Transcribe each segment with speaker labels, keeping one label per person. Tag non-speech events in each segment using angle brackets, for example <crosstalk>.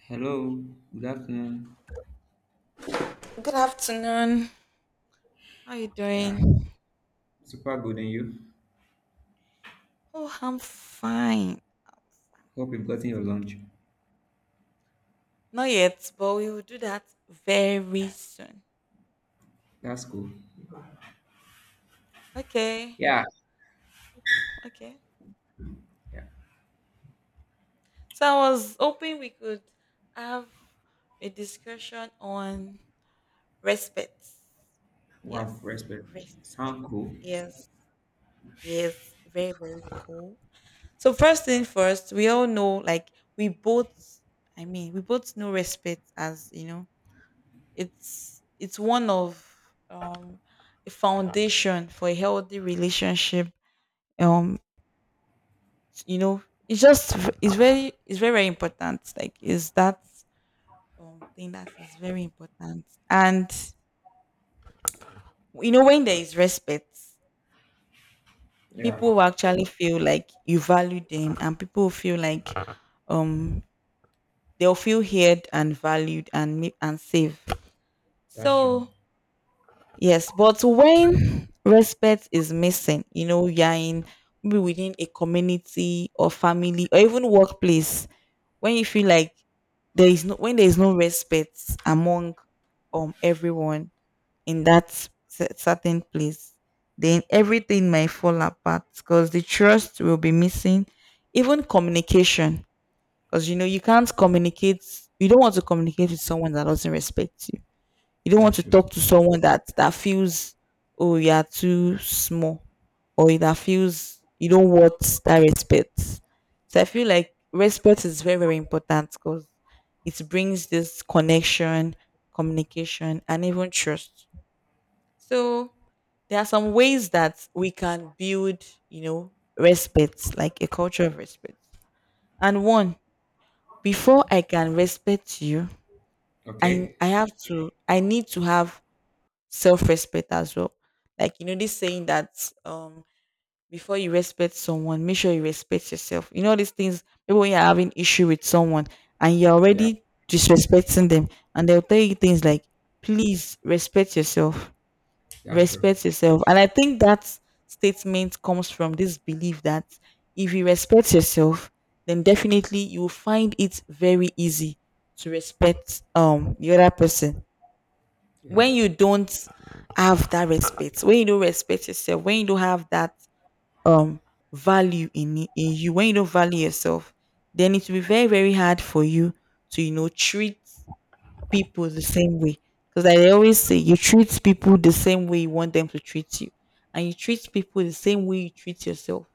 Speaker 1: Hello, good afternoon.
Speaker 2: Good afternoon. How you
Speaker 1: Yeah,
Speaker 2: doing?
Speaker 1: super good and you.
Speaker 2: Oh, I'm fine. I'm
Speaker 1: Hope you've gotten your
Speaker 2: fantastic.
Speaker 1: lunch.
Speaker 2: Not yet, but we will do that very soon.
Speaker 1: That's cool.
Speaker 2: Okay.
Speaker 1: Yeah,
Speaker 2: Okay.
Speaker 1: yeah.
Speaker 2: So I was hoping we could have a discussion on respect. Yes.
Speaker 1: Wow, respect.
Speaker 2: Respect.
Speaker 1: Sound cool.
Speaker 2: Yes. Yes. Very, very cool. So first thing first, we all know like we both we both know respect as, you know, it's one of um a foundation for a healthy relationship. Um, you know, it's just it's very important. Like is that thing that is very important. And you know, when there is respect,
Speaker 1: Yeah,
Speaker 2: people will actually feel like you value them, and people will feel like um they'll feel heard and valued and and safe.
Speaker 1: that's true.
Speaker 2: So yes, but when respect is missing, you know, you're in maybe within a community or family or even workplace, when you feel like there is no when there is no respect among everyone in that certain place, then everything might fall apart because the trust will be missing, even communication. Because you know you can't communicate. You don't want to communicate with someone that doesn't respect you. You don't want
Speaker 1: That's
Speaker 2: to
Speaker 1: true.
Speaker 2: talk to someone that feels oh you are too small or that feels you don't want that respect. So I feel like respect is very very important because it brings this connection, communication, and even trust. So there are some ways that we can build, you know, respect, like a culture of respect. And one, before I can respect you,
Speaker 1: Okay.
Speaker 2: I need to have self-respect as well. Like you know, this saying that um before you respect someone, make sure you respect yourself. You know these things. Maybe when you're having issue with someone and you're
Speaker 1: Yeah,
Speaker 2: already disrespecting them, and they'll tell you things like, "Please respect yourself,
Speaker 1: that's true.
Speaker 2: respect yourself." And I think that statement comes from this belief that if you respect yourself, then definitely you will find it very easy to respect the other person
Speaker 1: Yeah.
Speaker 2: when you don't have that respect when you don't respect yourself when you don't have that um value in in you when you don't value yourself then it will be very very hard for you to you know treat people the same way because I always say you treat people the same way you want them to treat you, and you treat people the same way you treat yourself.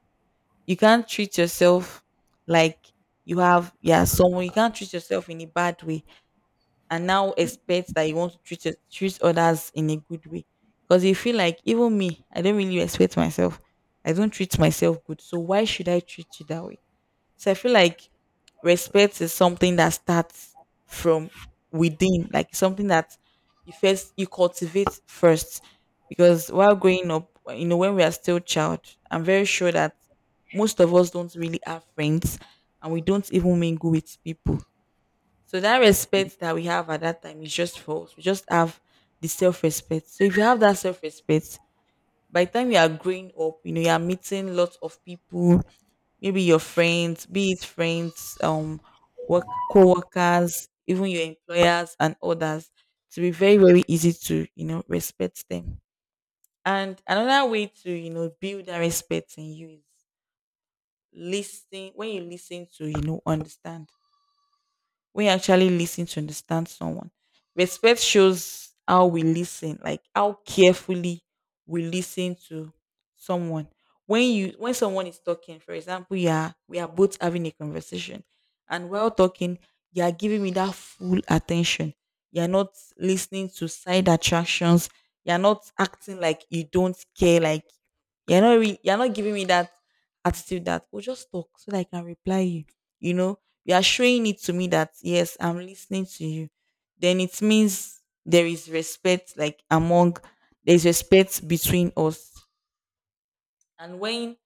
Speaker 2: You can't treat yourself like you have yeah someone. You can't treat yourself in a bad way and now expect that you want to treat others in a good way. Because you feel like even me, I don't really respect myself. I don't treat myself good. So why should I treat you that way? So I feel like respect is something that starts from within, like something that you cultivate first. Because while growing up, you know, when we are still child, I'm very sure that most of us don't really have friends and we don't even mingle with people. So that respect that we have at that time is just false. We just have the self-respect. So if you have that self-respect, by the time you are growing up, you know, you are meeting lots of people, maybe your friends, be it friends, work co-workers, even your employers and others, to be very, very easy to, you know, respect them. And another way to, you know, build that respect in you is listening. When you listen to, you know, understand, when you actually listen to understand someone. Respect shows how we listen, like how carefully we listen to someone. When someone is talking, for example, yeah, we are both having a conversation, and while talking, you are giving me that full attention. You are not listening to side attractions. You are not acting like you don't care. Like you're not giving me that attitude that we just talk so that I can reply you, you know, you are showing it to me that yes I'm listening to you, then it means there is respect, like among, there's respect between us. And when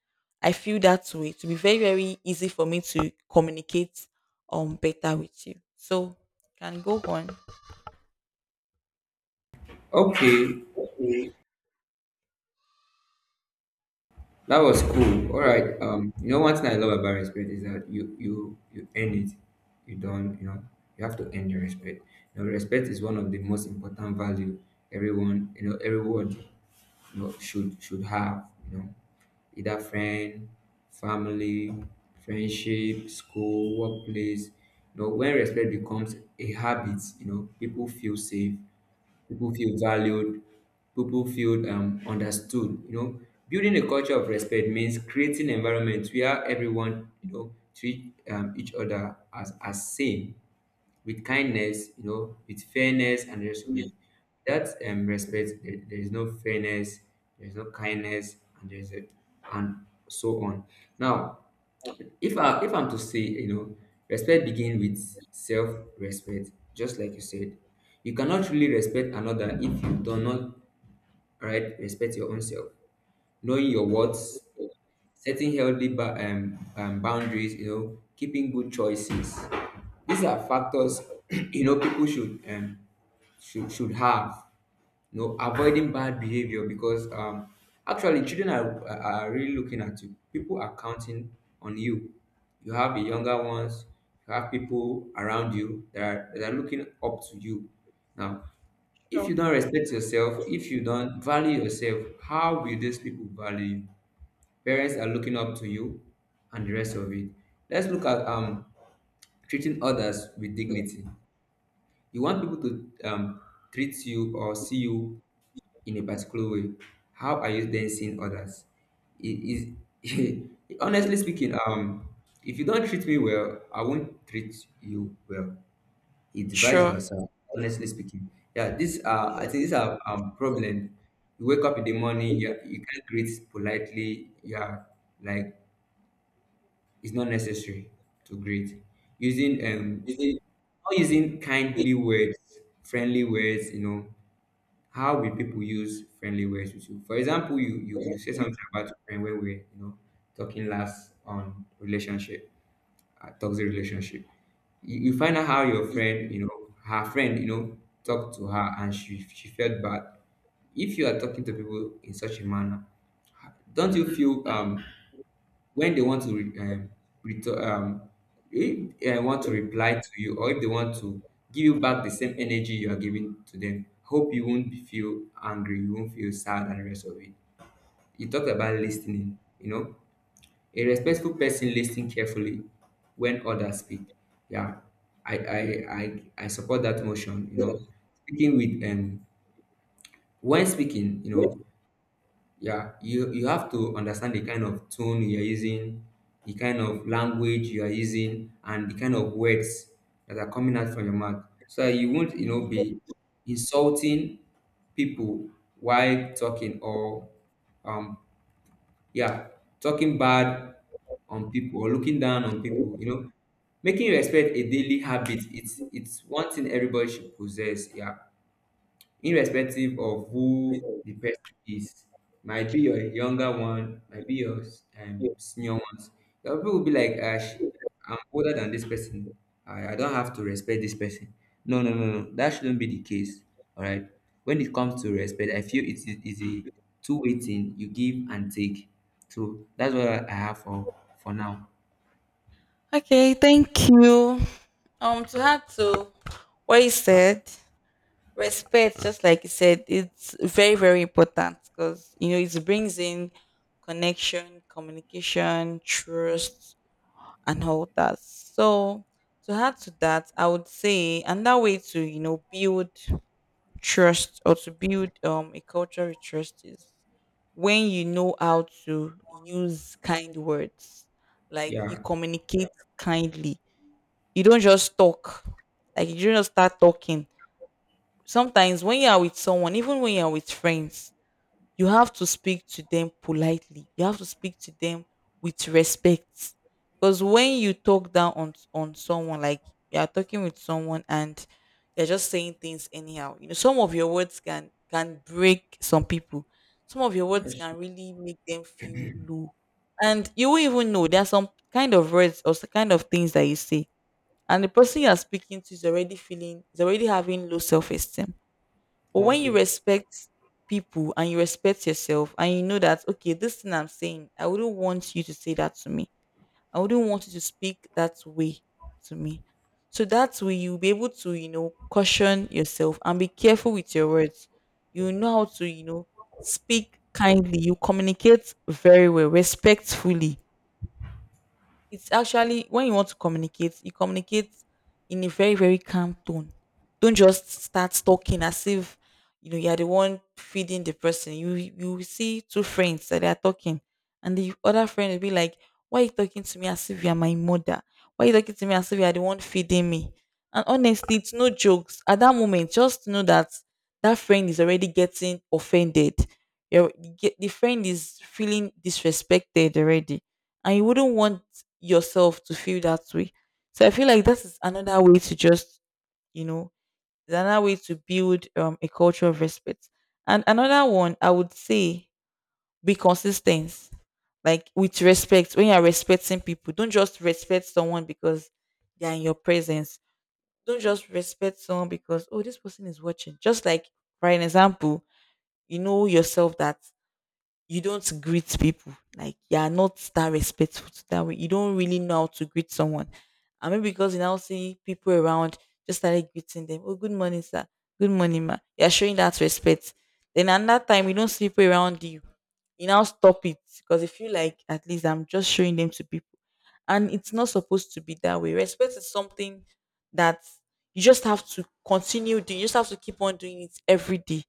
Speaker 2: I feel that way, to be very very easy for me to communicate better with you. So can go on.
Speaker 1: Okay, that was cool. All right. You know one thing I love about respect is that you earn it. You don't, you know, you have to earn your respect. You know, respect is one of the most important value everyone you know, should have, you know, either friend, family, friendship, school, workplace. You know, when respect becomes a habit, you know, people feel safe, people feel valued, people feel understood. You know, building a culture of respect means creating environments where everyone, you know, treat each other as same with kindness, you know, with fairness and the rest of it. That respect, there is no fairness, there is no kindness, and there is a, and so on. Now, if I if I'm to say, you know, respect begin with self-respect, just like you said, you cannot really respect another if you do not right respect your own self, knowing your worth, setting healthy boundaries, you know, keeping good choices. These are factors <clears throat> you know people should should have. You know, avoiding bad behavior because actually children are really looking at you. People are counting on you. You have the younger ones. You have people around you that are looking up to you. Now, if you
Speaker 2: Sure.
Speaker 1: don't respect yourself, if you don't value yourself, how will these people value you? Parents are looking up to you and the rest of it. Let's look at treating others with dignity. You want people to treat you or see you in a particular way. How are you then seeing others? It is <laughs> honestly speaking, if you don't treat me well, I won't treat you well. It's vice
Speaker 2: Sure.
Speaker 1: versa. Honestly speaking, yeah, these are I think these are problem. You wake up in the morning, you can't greet politely. You are like it's not necessary to greet. Using
Speaker 2: Yeah.
Speaker 1: Not using kindly words, friendly words, you know. How will people use friendly words with you? For example, you say something about your friend when we're you know talking last on relationship, toxic relationship. You find out how your friend, you know, her friend, you know, talked to her and she felt bad. If you are talking to people in such a manner, don't you feel when they want to return, if they want to reply to you, or if they want to give you back the same energy you are giving to them, hope you won't feel angry, you won't feel sad, and the rest of it. You talked about listening. You know, a respectful person listening carefully when others speak. Yeah, I I I support that motion. You know, speaking with when speaking, you know, yeah, you have to understand the kind of tone you are using, the kind of language you are using, and the kind of words that are coming out from your mouth, so that you won't, you know,
Speaker 2: Yeah.
Speaker 1: be insulting people while talking or, um, yeah, talking bad on people or looking down on people. You know, making respect a daily habit. It's one thing everybody should possess. Yeah, irrespective of who the person is, might be your younger one, might be your
Speaker 2: Yeah.
Speaker 1: senior ones. Some people will be like, ah, I'm older than this person. I don't have to respect this person. No, no, no, no. That shouldn't be the case. All right. When it comes to respect, I feel is a two-way thing. You give and take. So that's what I have for now.
Speaker 2: Okay, thank you. To add to what you said, respect, just like you said, it's very, very important because you know it brings in connection, communication, trust, and all that. So to add to that, I would say another way to you know build trust or to build a culture of trust is when you know how to use kind words, like you
Speaker 1: Yeah.
Speaker 2: communicate kindly. You don't just talk. Like you don't just start talking. Sometimes when you are with someone, even when you are with friends, you have to speak to them politely. You have to speak to them with respect. Because when you talk down on someone, like you are talking with someone and you're just saying things anyhow, you know, some of your words can break some people. Some of your words
Speaker 1: That's
Speaker 2: can
Speaker 1: true.
Speaker 2: really make them feel low. And you won't even know. There are some kind of words or some kind of things that you say and the person you are speaking to is already having low self-esteem. But
Speaker 1: That's
Speaker 2: when you
Speaker 1: true.
Speaker 2: respect people and you respect yourself and you know that okay this thing I'm saying I wouldn't want you to say that to me, I wouldn't want you to speak that way to me, so that's where you'll be able to you know caution yourself and be careful with your words. You know how to you know speak kindly, you communicate very well respectfully. It's actually when you want to communicate, you communicate in a very, very calm tone. Don't just start talking as if you know you're the one feeding the person. You will see two friends that they are talking, and the other friend will be like, why are you talking to me as if you're my mother? Why are you talking to me as if you're the one feeding me? And honestly, it's no jokes. At that moment, just know that that friend is already getting offended. The friend is feeling disrespected already and you wouldn't want yourself to feel that way. So I feel like that is another way to just, you know, it's another way to build a culture of respect. And another one, I would say, be consistent. Like with respect, when you're respecting people, don't just respect someone because they're in your presence. Don't just respect someone because, oh, this person is watching. Just like, for an example, you know yourself that you don't greet people. Like you are not that respectful to that way. You don't really know how to greet someone. I mean, because you now see people around, just started greeting them. Oh, good morning, sir. Good morning, ma. You're showing that respect. Then at that time, you don't see people around you. You now stop it because you feel like at least I'm just showing them to people. And it's not supposed to be that way. Respect is something that you just have to continue doing. You just have to keep on doing it every day.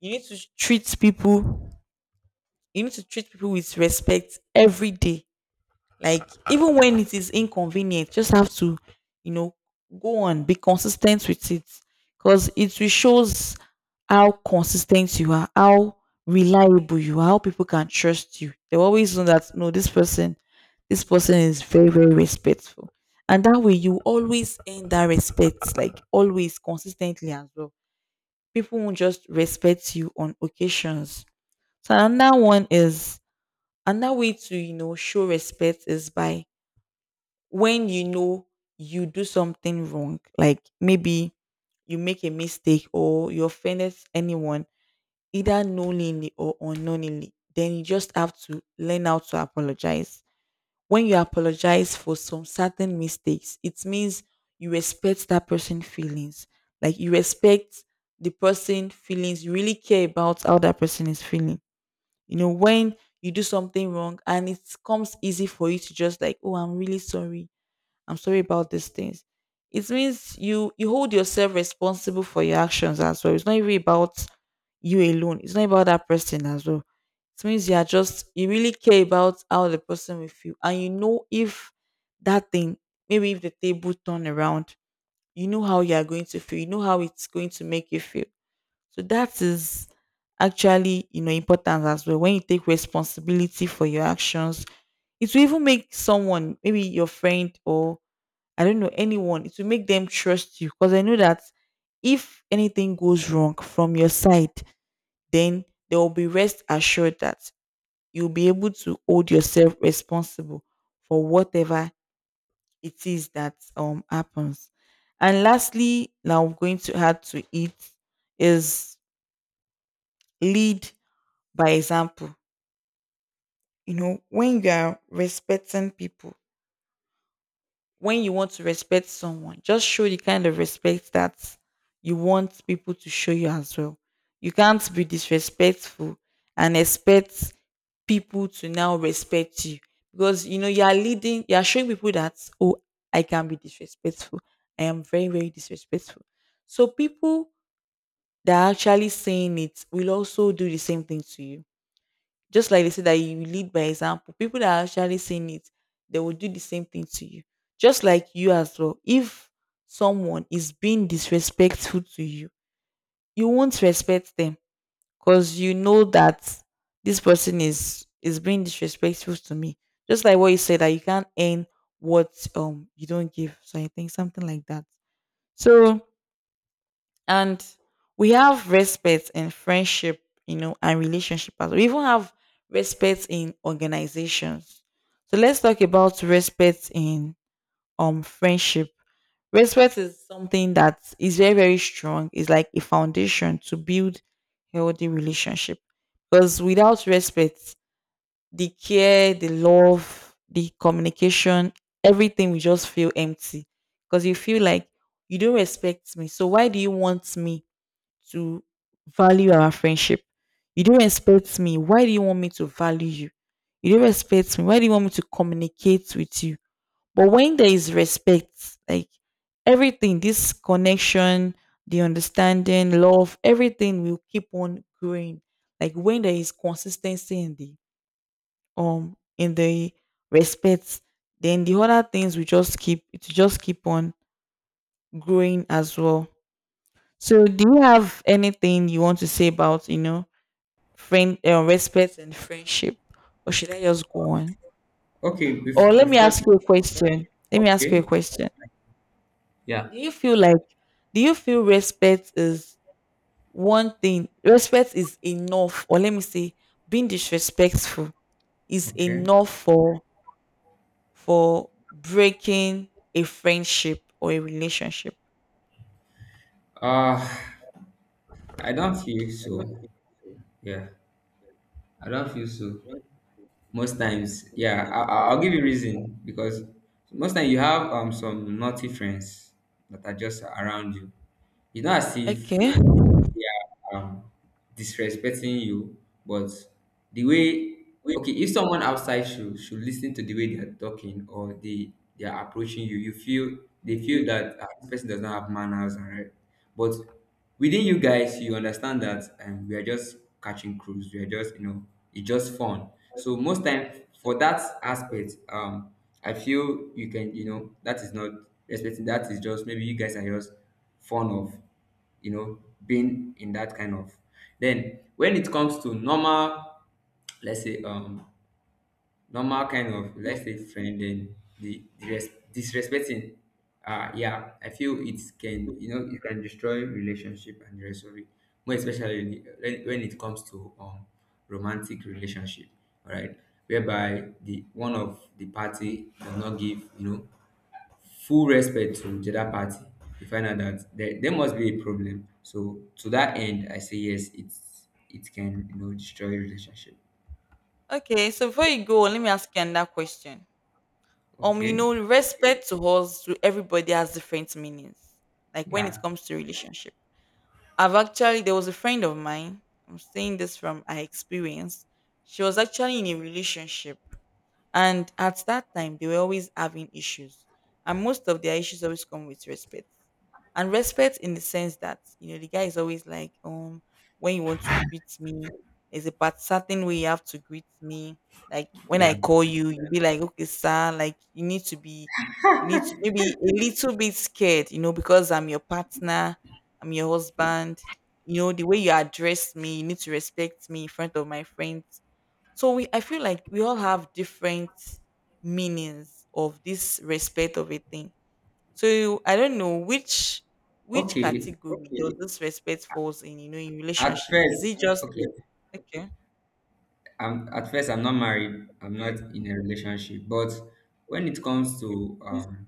Speaker 2: You need to treat people you need to treat people with respect every day. Like even when it is inconvenient, just have to, you know, go on, be consistent with it. Because it will shows how consistent you are, how reliable you are, how people can trust you. They always know that no, this person is very, very respectful. And that way you always earn that respect, like always consistently as well. People won't just respect you on occasions. So another one is another way to, you know, show respect is by when you know you do something wrong, like maybe you make a mistake or you offended anyone, either knowingly or unknowingly, then you just have to learn how to apologize. When you apologize for some certain mistakes, it means you respect that person's feelings. Like you respect the person' feelings, you really care about how that person is feeling. You know, when you do something wrong and it comes easy for you to just like, oh, I'm really sorry. I'm sorry about these things. It means you hold yourself responsible for your actions as well. It's not even about you alone. It's not about that person as well. It means you are just you really care about how the person will feel, and you know if that thing, maybe if the table turn around, you know how you are going to feel. You know how it's going to make you feel. So that is actually, you know, important as well. When you take responsibility for your actions, it will even make someone, maybe your friend or I don't know, anyone, it will make them trust you, because I know that if anything goes wrong from your side, then they will be rest assured that you'll be able to hold yourself responsible for whatever it is that happens. And lastly, now I'm going to add to it is lead by example. You know, when you are respecting people, when you want to respect someone, just show the kind of respect that you want people to show you as well. You can't be disrespectful and expect people to now respect you, because you know you are leading, you are showing people that, oh, I can be disrespectful. I am very, very disrespectful. So people that are actually saying it will also do the same thing to you. Just like they say that you lead by example, people that are actually saying it, they will do the same thing to you. Just like you as well. If someone is being disrespectful to you, you won't respect them because you know that this person is being disrespectful to me. Just like what you said, that you can't earn what you don't give. So I think something like that. So and we have respect in friendship, you know, and relationship as well. We even have respect in organizations. So let's talk about respect in friendship. Respect is something that is very, very strong. It's like a foundation to build healthy relationship. Because without respect, the care, the love, the communication, everything will just feel empty. Because you feel like you don't respect me, so why do you want me to value our friendship? You don't respect me. Why do you want me to value you? You don't respect me. Why do you want me to communicate with you? But when there is respect, like everything, this connection, the understanding, love, everything will keep on growing. Like when there is consistency in the um in the respect, then the other things will just keep on growing as well. So do you have anything you want to say about, you know, friend respect and friendship, or should I just go on,
Speaker 1: Okay.
Speaker 2: or let me
Speaker 1: Before.
Speaker 2: ask you a question, let me ask you a
Speaker 1: Okay.
Speaker 2: question.
Speaker 1: Yeah.
Speaker 2: Do you feel like do you feel respect is one thing? Respect is enough, or let me say being disrespectful is
Speaker 1: Okay.
Speaker 2: enough for breaking a friendship or a relationship?
Speaker 1: Uh I don't feel so. Yeah, I don't feel so. Most times, yeah, I'll give you reason because most time you have some naughty friends that are just around you. It's not as if
Speaker 2: Okay.
Speaker 1: yeah, disrespecting you, but the way okay, if someone outside should listen to the way they are talking or they are approaching you, you feel they feel that this person does not have manners, all right. But within you guys, you understand that we are just catching crews. We are just you know it's just fun. So most time for that aspect, I feel you can you know that is not respecting. That is just maybe you guys are just fun of you know, being in that kind of. Then when it comes to normal, let's say normal kind of let's say friend, then disrespecting, yeah, I feel it can you know it can destroy relationship and the rest of it. More especially when it comes to romantic relationship, all right, whereby the one of the party does not give you know full respect to the other party. You find out that there must be a problem. So to that end I say yes, it's it can you know destroy relationship.
Speaker 2: Okay, so before you go, let me ask you another question. You
Speaker 1: Okay,
Speaker 2: know, respect to us, to everybody, has different meanings, like when it
Speaker 1: yeah,
Speaker 2: comes to relationship. I've actually, there was a friend of mine, I'm saying this from her experience. She was actually in a relationship, and at that time, they were always having issues. And most of their issues always come with respect. And respect in the sense that, you know, the guy is always like, when you want to greet me, there's a part certain way you have to greet me. Like when
Speaker 1: yeah.
Speaker 2: I call you, you be like, okay, sir, like you need to be, you need to maybe a little bit scared, you know, because I'm your partner, I'm your husband. You know, the way you address me, you need to respect me in front of my friends. So we, I feel like we all have different meanings of this respect of a thing. So I don't know which
Speaker 1: Okay,
Speaker 2: category does Okay. this respect falls in, you know, in
Speaker 1: at
Speaker 2: relationship. Is
Speaker 1: first.
Speaker 2: it just
Speaker 1: Okay,
Speaker 2: okay?
Speaker 1: I'm at first I'm not married, I'm not
Speaker 2: Okay.
Speaker 1: in a relationship. But when it comes to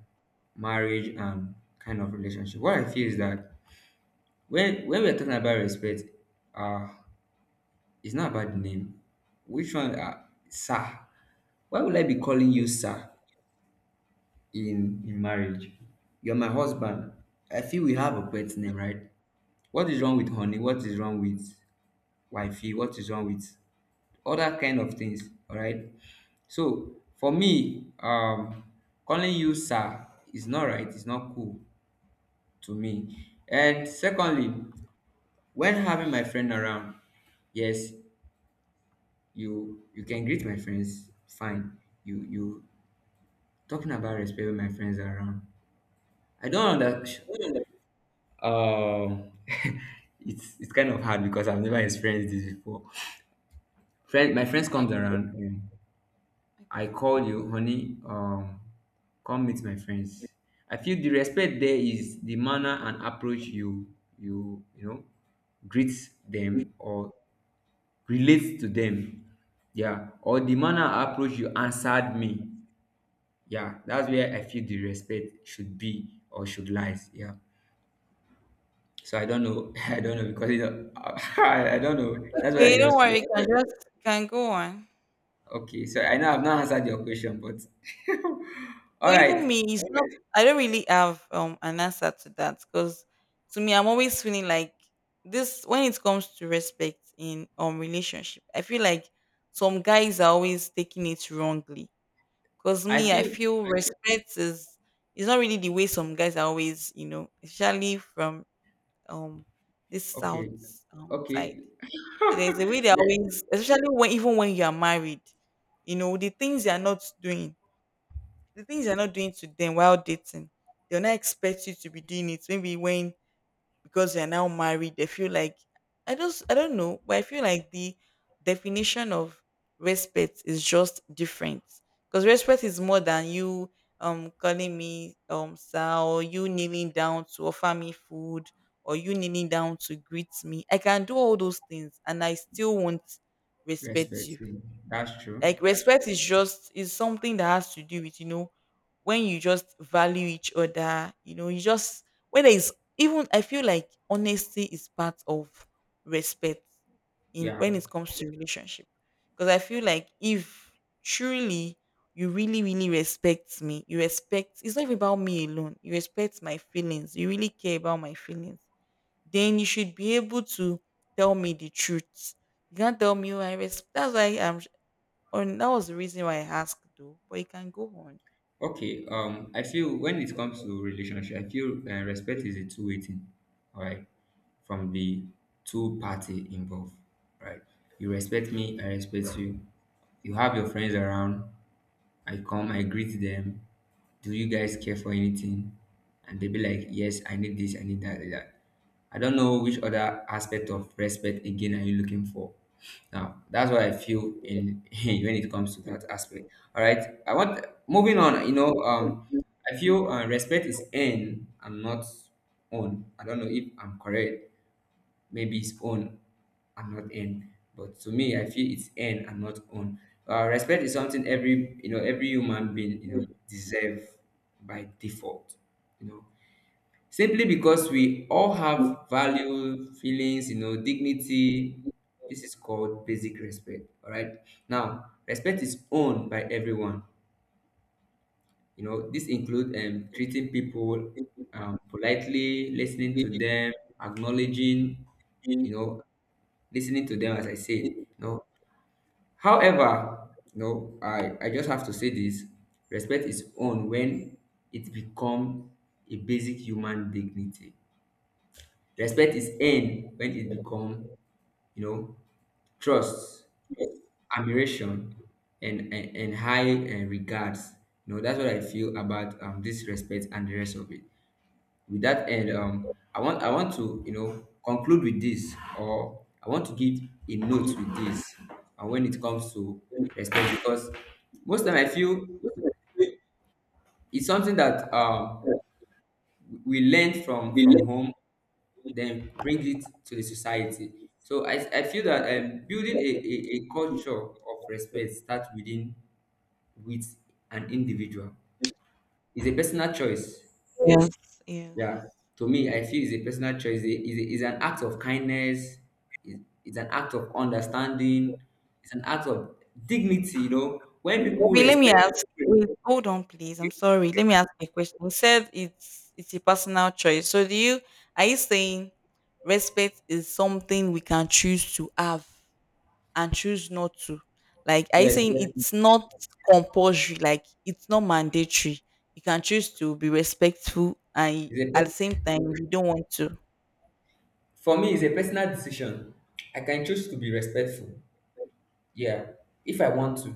Speaker 1: marriage and kind of relationship, what I feel is that when we're talking about respect, uh it's not about the name. Which one, sir? Why would I be calling you sir in marriage? You're my husband. I feel we have a pet name, right? What is wrong with honey? What is wrong with wifey? What is wrong with other kind of things? All right. So for me, calling you sir is not right. It's not cool to me. And secondly, when having my friend around, yes, you can greet my friends fine. You talking about respect when my friends are around, I don't understand. um <laughs> it's kind of hard because I've never experienced this before. Friend My friends comes around, I
Speaker 2: Okay.
Speaker 1: call you honey, um, come meet my friends. I feel the respect there is the manner and approach you know greet them or relate to them. Yeah, or the manner and approach you answered me. Yeah, that's where I feel the respect should be or should lies. Yeah. So I don't know. <laughs> I don't know because you know, <laughs> I don't know. That's what I
Speaker 2: Okay, don't
Speaker 1: just feel.
Speaker 2: worry, you can, just, you can go on.
Speaker 1: Okay. So I know I've not answered your question, but <laughs> all
Speaker 2: So even
Speaker 1: right.
Speaker 2: me, it's not, <laughs> I don't really have an answer to that, because to me, I'm always feeling like this when it comes to respect in relationship. I feel like some guys are always taking it wrongly, because
Speaker 1: I
Speaker 2: me, I
Speaker 1: feel
Speaker 2: feel respect is not really the way some guys are always, you know, especially from um this south
Speaker 1: okay.
Speaker 2: side.
Speaker 1: Okay.
Speaker 2: So there's a way they are always, especially when even when you are married, you know, the things you're not doing to them while dating, they'll not expect you to be doing it. Maybe when because you're now married, they feel like I don't know, but I feel like the definition of respect is just different. Because respect is more than you calling me sir, or you kneeling down to offer me food, or you kneeling down to greet me. I can do all those things and I still won't
Speaker 1: <laughs>
Speaker 2: respect
Speaker 1: Respect.
Speaker 2: you.
Speaker 1: Yeah, that's true.
Speaker 2: Like respect is just is something that has to do with, you know, when you just value each other. You know, you just when there is, even, I feel like honesty is part of respect in
Speaker 1: Yeah.
Speaker 2: when it comes to relationship. Because I feel like if truly you really, really respect me, you respect, it's not even about me alone. You respect my feelings. You really care about my feelings. Then you should be able to tell me the truth. You can't tell me, "Oh, I respect. That's why I'm and that was the reason why I asked though, but it can go on.
Speaker 1: Okay, I feel when it comes to relationship, I feel respect is a two-way thing, all right, from the two party involved, right? You respect me, I respect you. You have your friends around, I come, I greet them. Do you guys care for anything? And they be like, yes, I need this, I need that, I need that. I don't know which other aspect of respect again are you looking for. Now that's what I feel in <laughs> when it comes to that aspect. All right. I want moving on, you know, I feel respect is earned and not own. I don't know if I'm correct, maybe it's own and not end. But to me, I feel it's end and not own. Respect is something every you know every human being you know deserve by default. You know, simply because we all have value, feelings, you know, dignity. This is called basic respect. All right. Now, respect is owned by everyone. You know, this includes treating people politely, listening to them, acknowledging, you know, listening to them as I said. No. However, no, I just have to say this. Respect is owned when it become a basic human dignity. Respect is
Speaker 2: Yes.
Speaker 1: earned when it become, you know, trust,
Speaker 2: Yes.
Speaker 1: admiration, and high regards. You know, that's what I feel about this respect and the rest of it. With that end, I want to you know conclude with this, or I want to give a note with this. And when it comes to respect, because most time I feel it's something that we learn from home, then bring it to the society. So I feel that building a culture of respect starts within with an individual. It's a personal choice.
Speaker 2: Yes.
Speaker 1: Yeah, to me, I feel it's a personal choice. A, it's an act of kindness. It's, it's an act of understanding. It's an act of dignity. You know, when people
Speaker 2: Wait, let me
Speaker 1: respect.
Speaker 2: ask. Wait, hold on, please. I'm sorry. Let me ask you a question. You said it's a personal choice. So do you, are you saying respect is something we can choose to have and choose not to? Like, are you
Speaker 1: Yes,
Speaker 2: saying
Speaker 1: yes.
Speaker 2: it's not compulsory? Like, it's not mandatory. You can choose to be respectful, and
Speaker 1: It's a,
Speaker 2: at the same
Speaker 1: pers-
Speaker 2: time, you don't want to.
Speaker 1: for me, it's a personal decision. I can choose to be respectful. Yeah, if I want to,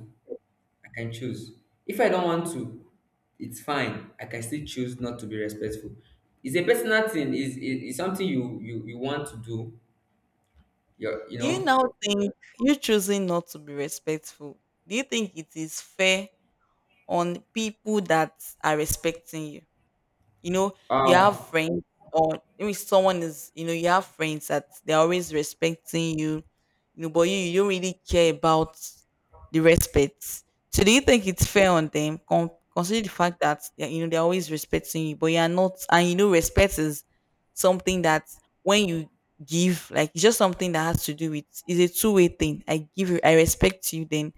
Speaker 1: I can choose. If I don't want to, it's fine. I can still choose not to be respectful. It's a personal thing. It's something you want to do. You're, you
Speaker 2: Do you
Speaker 1: know.
Speaker 2: now think you choosing not to be respectful, do you think it is fair on people that are respecting you? You know, you have
Speaker 1: Um,
Speaker 2: friends or maybe someone is, you know, you have friends that they're always respecting you, you know, but you, don't really care about the respect. So do you think it's fair on them? Consider the fact that they, you know they're always respecting you, but you are not, and you know respect is something that when you give, like it's just something that has to do with, it's a two-way thing. I give you, I respect you, then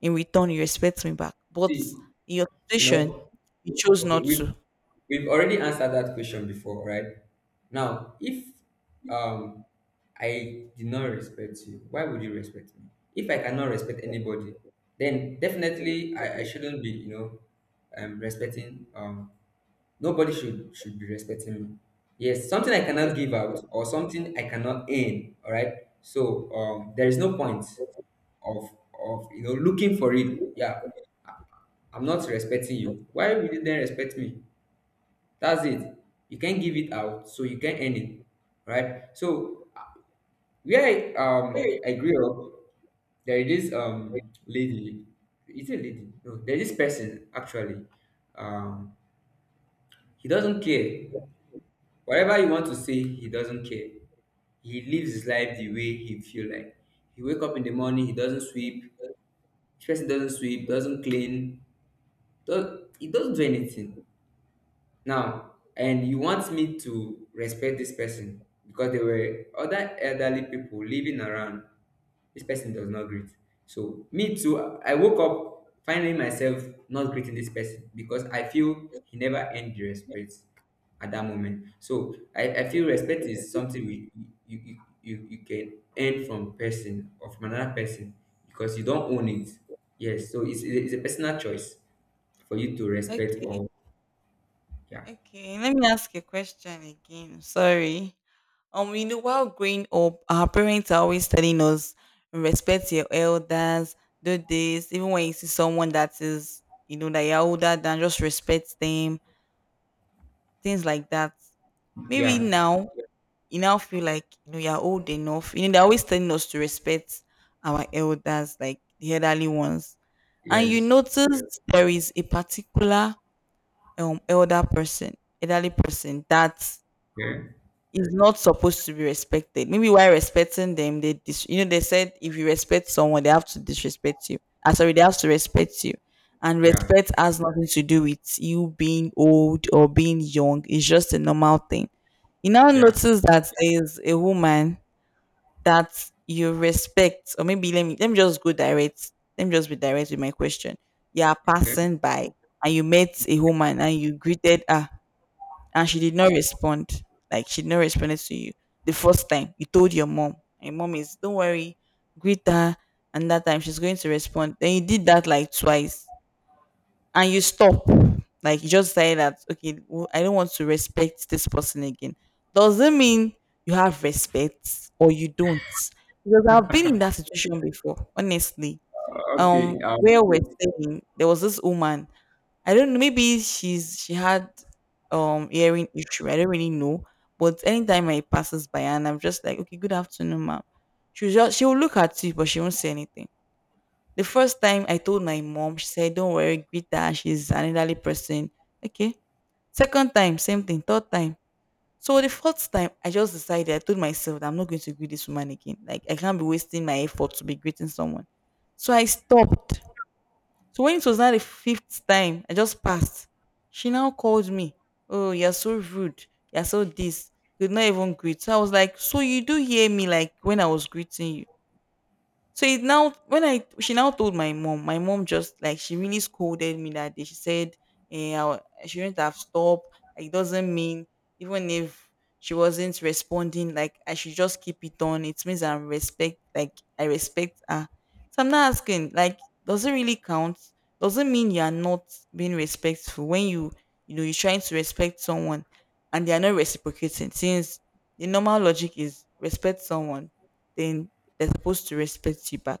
Speaker 2: in return you respect me back. But
Speaker 1: See,
Speaker 2: in your
Speaker 1: you
Speaker 2: situation,
Speaker 1: know,
Speaker 2: you chose
Speaker 1: okay,
Speaker 2: not
Speaker 1: we've
Speaker 2: to.
Speaker 1: already answered that question before, right? Now, if um I did not respect you, why would you respect me? If I cannot respect anybody, then definitely I shouldn't be, you know, respecting nobody should be respecting me. Yes, something I cannot give out or something I cannot earn, all right? So there is no point of you know looking for it. Yeah, I'm not respecting you. Why will you then respect me? That's it. You can't give it out, so you can't earn it, right? So where I grew up, there is this lady. Is it a lady? No, there is this person actually. Um, he doesn't care. Whatever you want to say, he doesn't care. He lives his life the way he feel like. He wake up in the morning, he doesn't sweep. This person doesn't sweep, doesn't clean, does he doesn't do anything. Now, and you want me to respect this person because there were other elderly people living around. This person does not greet, so me too, I woke up finding myself not greeting this person because I feel he never earned the respect at that moment. So I feel respect is something we you, you can earn from person or from another person, because you don't own it. Yes, so it's a personal choice for you to respect
Speaker 2: Okay,
Speaker 1: or yeah
Speaker 2: okay. Let me ask a question again. Sorry. You know, while growing up, our parents are always telling us respect your elders, do this. Even when you see someone that is, you know, that you're older than, just respect them. Things like that. Maybe
Speaker 1: yeah.
Speaker 2: now you now feel like you know you're old enough. You know, they're always telling us to respect our elders, like the elderly ones. And you
Speaker 1: Yes.
Speaker 2: notice there is a particular um elder person elderly person that
Speaker 1: Okay.
Speaker 2: is not supposed to be respected, maybe while respecting them they you know they said if you respect someone they have to disrespect you, ah sorry, they have to respect you. And
Speaker 1: Yeah.
Speaker 2: respect has nothing to do with you being old or being young, it's just a normal thing. You now
Speaker 1: Yeah.
Speaker 2: notice that there is a woman that you respect, or maybe let me just go direct, let me just be direct with my question. You are
Speaker 1: Okay.
Speaker 2: passing by and you met a woman and you greeted her, and she did not respond. Like she did not respond to you the first time. You told your mom, and your mom is, don't worry, greet her. And that time she's going to respond. Then you did that like twice, and you stop. Like you just say that, okay, well, I don't want to respect this person again. Doesn't mean you have respect or you don't. Because I've been in that situation before, honestly.
Speaker 1: Okay.
Speaker 2: Where we're staying, there was this woman, I don't know, maybe she had hearing issue. I don't really know. But anytime I passes by and I'm just like, okay, good afternoon, ma'am. She'll look at you, but she won't say anything. The first time I told my mom, she said, don't worry, greet her, she's an elderly person. Okay. Second time, same thing. Third time. So the fourth time, I just decided, I told myself that I'm not going to greet this woman again. Like I can't be wasting my effort to be greeting someone. So I stopped, so when it was now the fifth time, I just passed. She now called me. Oh, you're so rude. You're so this. Could not even greet. So I was like, so you do hear me like when I was greeting you. So it now when I, she now told my mom just like she really scolded me that day. She said, eh, I shouldn't have stopped. Like, it doesn't mean even if she wasn't responding, like I should just keep it on. It means I respect her. So I'm not asking, like, does it really count? Doesn't mean you are not being respectful when you know you're trying to respect someone, and they are not reciprocating, since the normal logic is respect someone, then they're supposed to respect you back.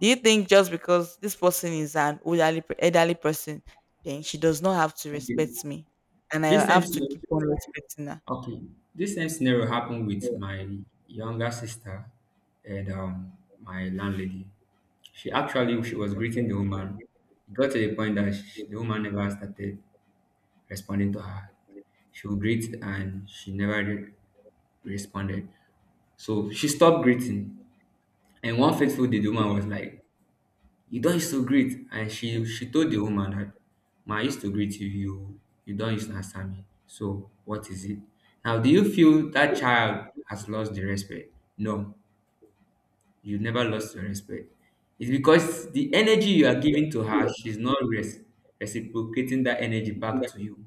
Speaker 2: Do you think just because this person is an elderly, elderly person, then she does not have to
Speaker 1: Okay.
Speaker 2: respect me, and I
Speaker 1: This same
Speaker 2: have to
Speaker 1: scenario.
Speaker 2: keep on respecting her?
Speaker 1: Okay. This same scenario happened with my younger sister and my landlady. She was greeting the woman. It got to the point that the woman never started responding to her. She would greet and she never responded. So she stopped greeting. And one fateful day, the woman was like, you don't used to greet. And she told the woman that, ma, I used to greet you. You not used to answer me, so what is it? Now do you feel that child has lost the respect? No, you never lost your respect. It's because the energy you are giving to her she's not reciprocating that energy back to you.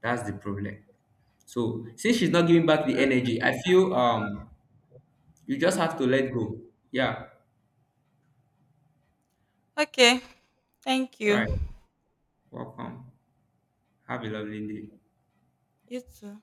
Speaker 1: That's the problem. So since she's not giving back the energy, I feel you just have to let go. Yeah,
Speaker 2: Okay, thank you.
Speaker 1: right. Welcome. Have a lovely day.
Speaker 2: You too.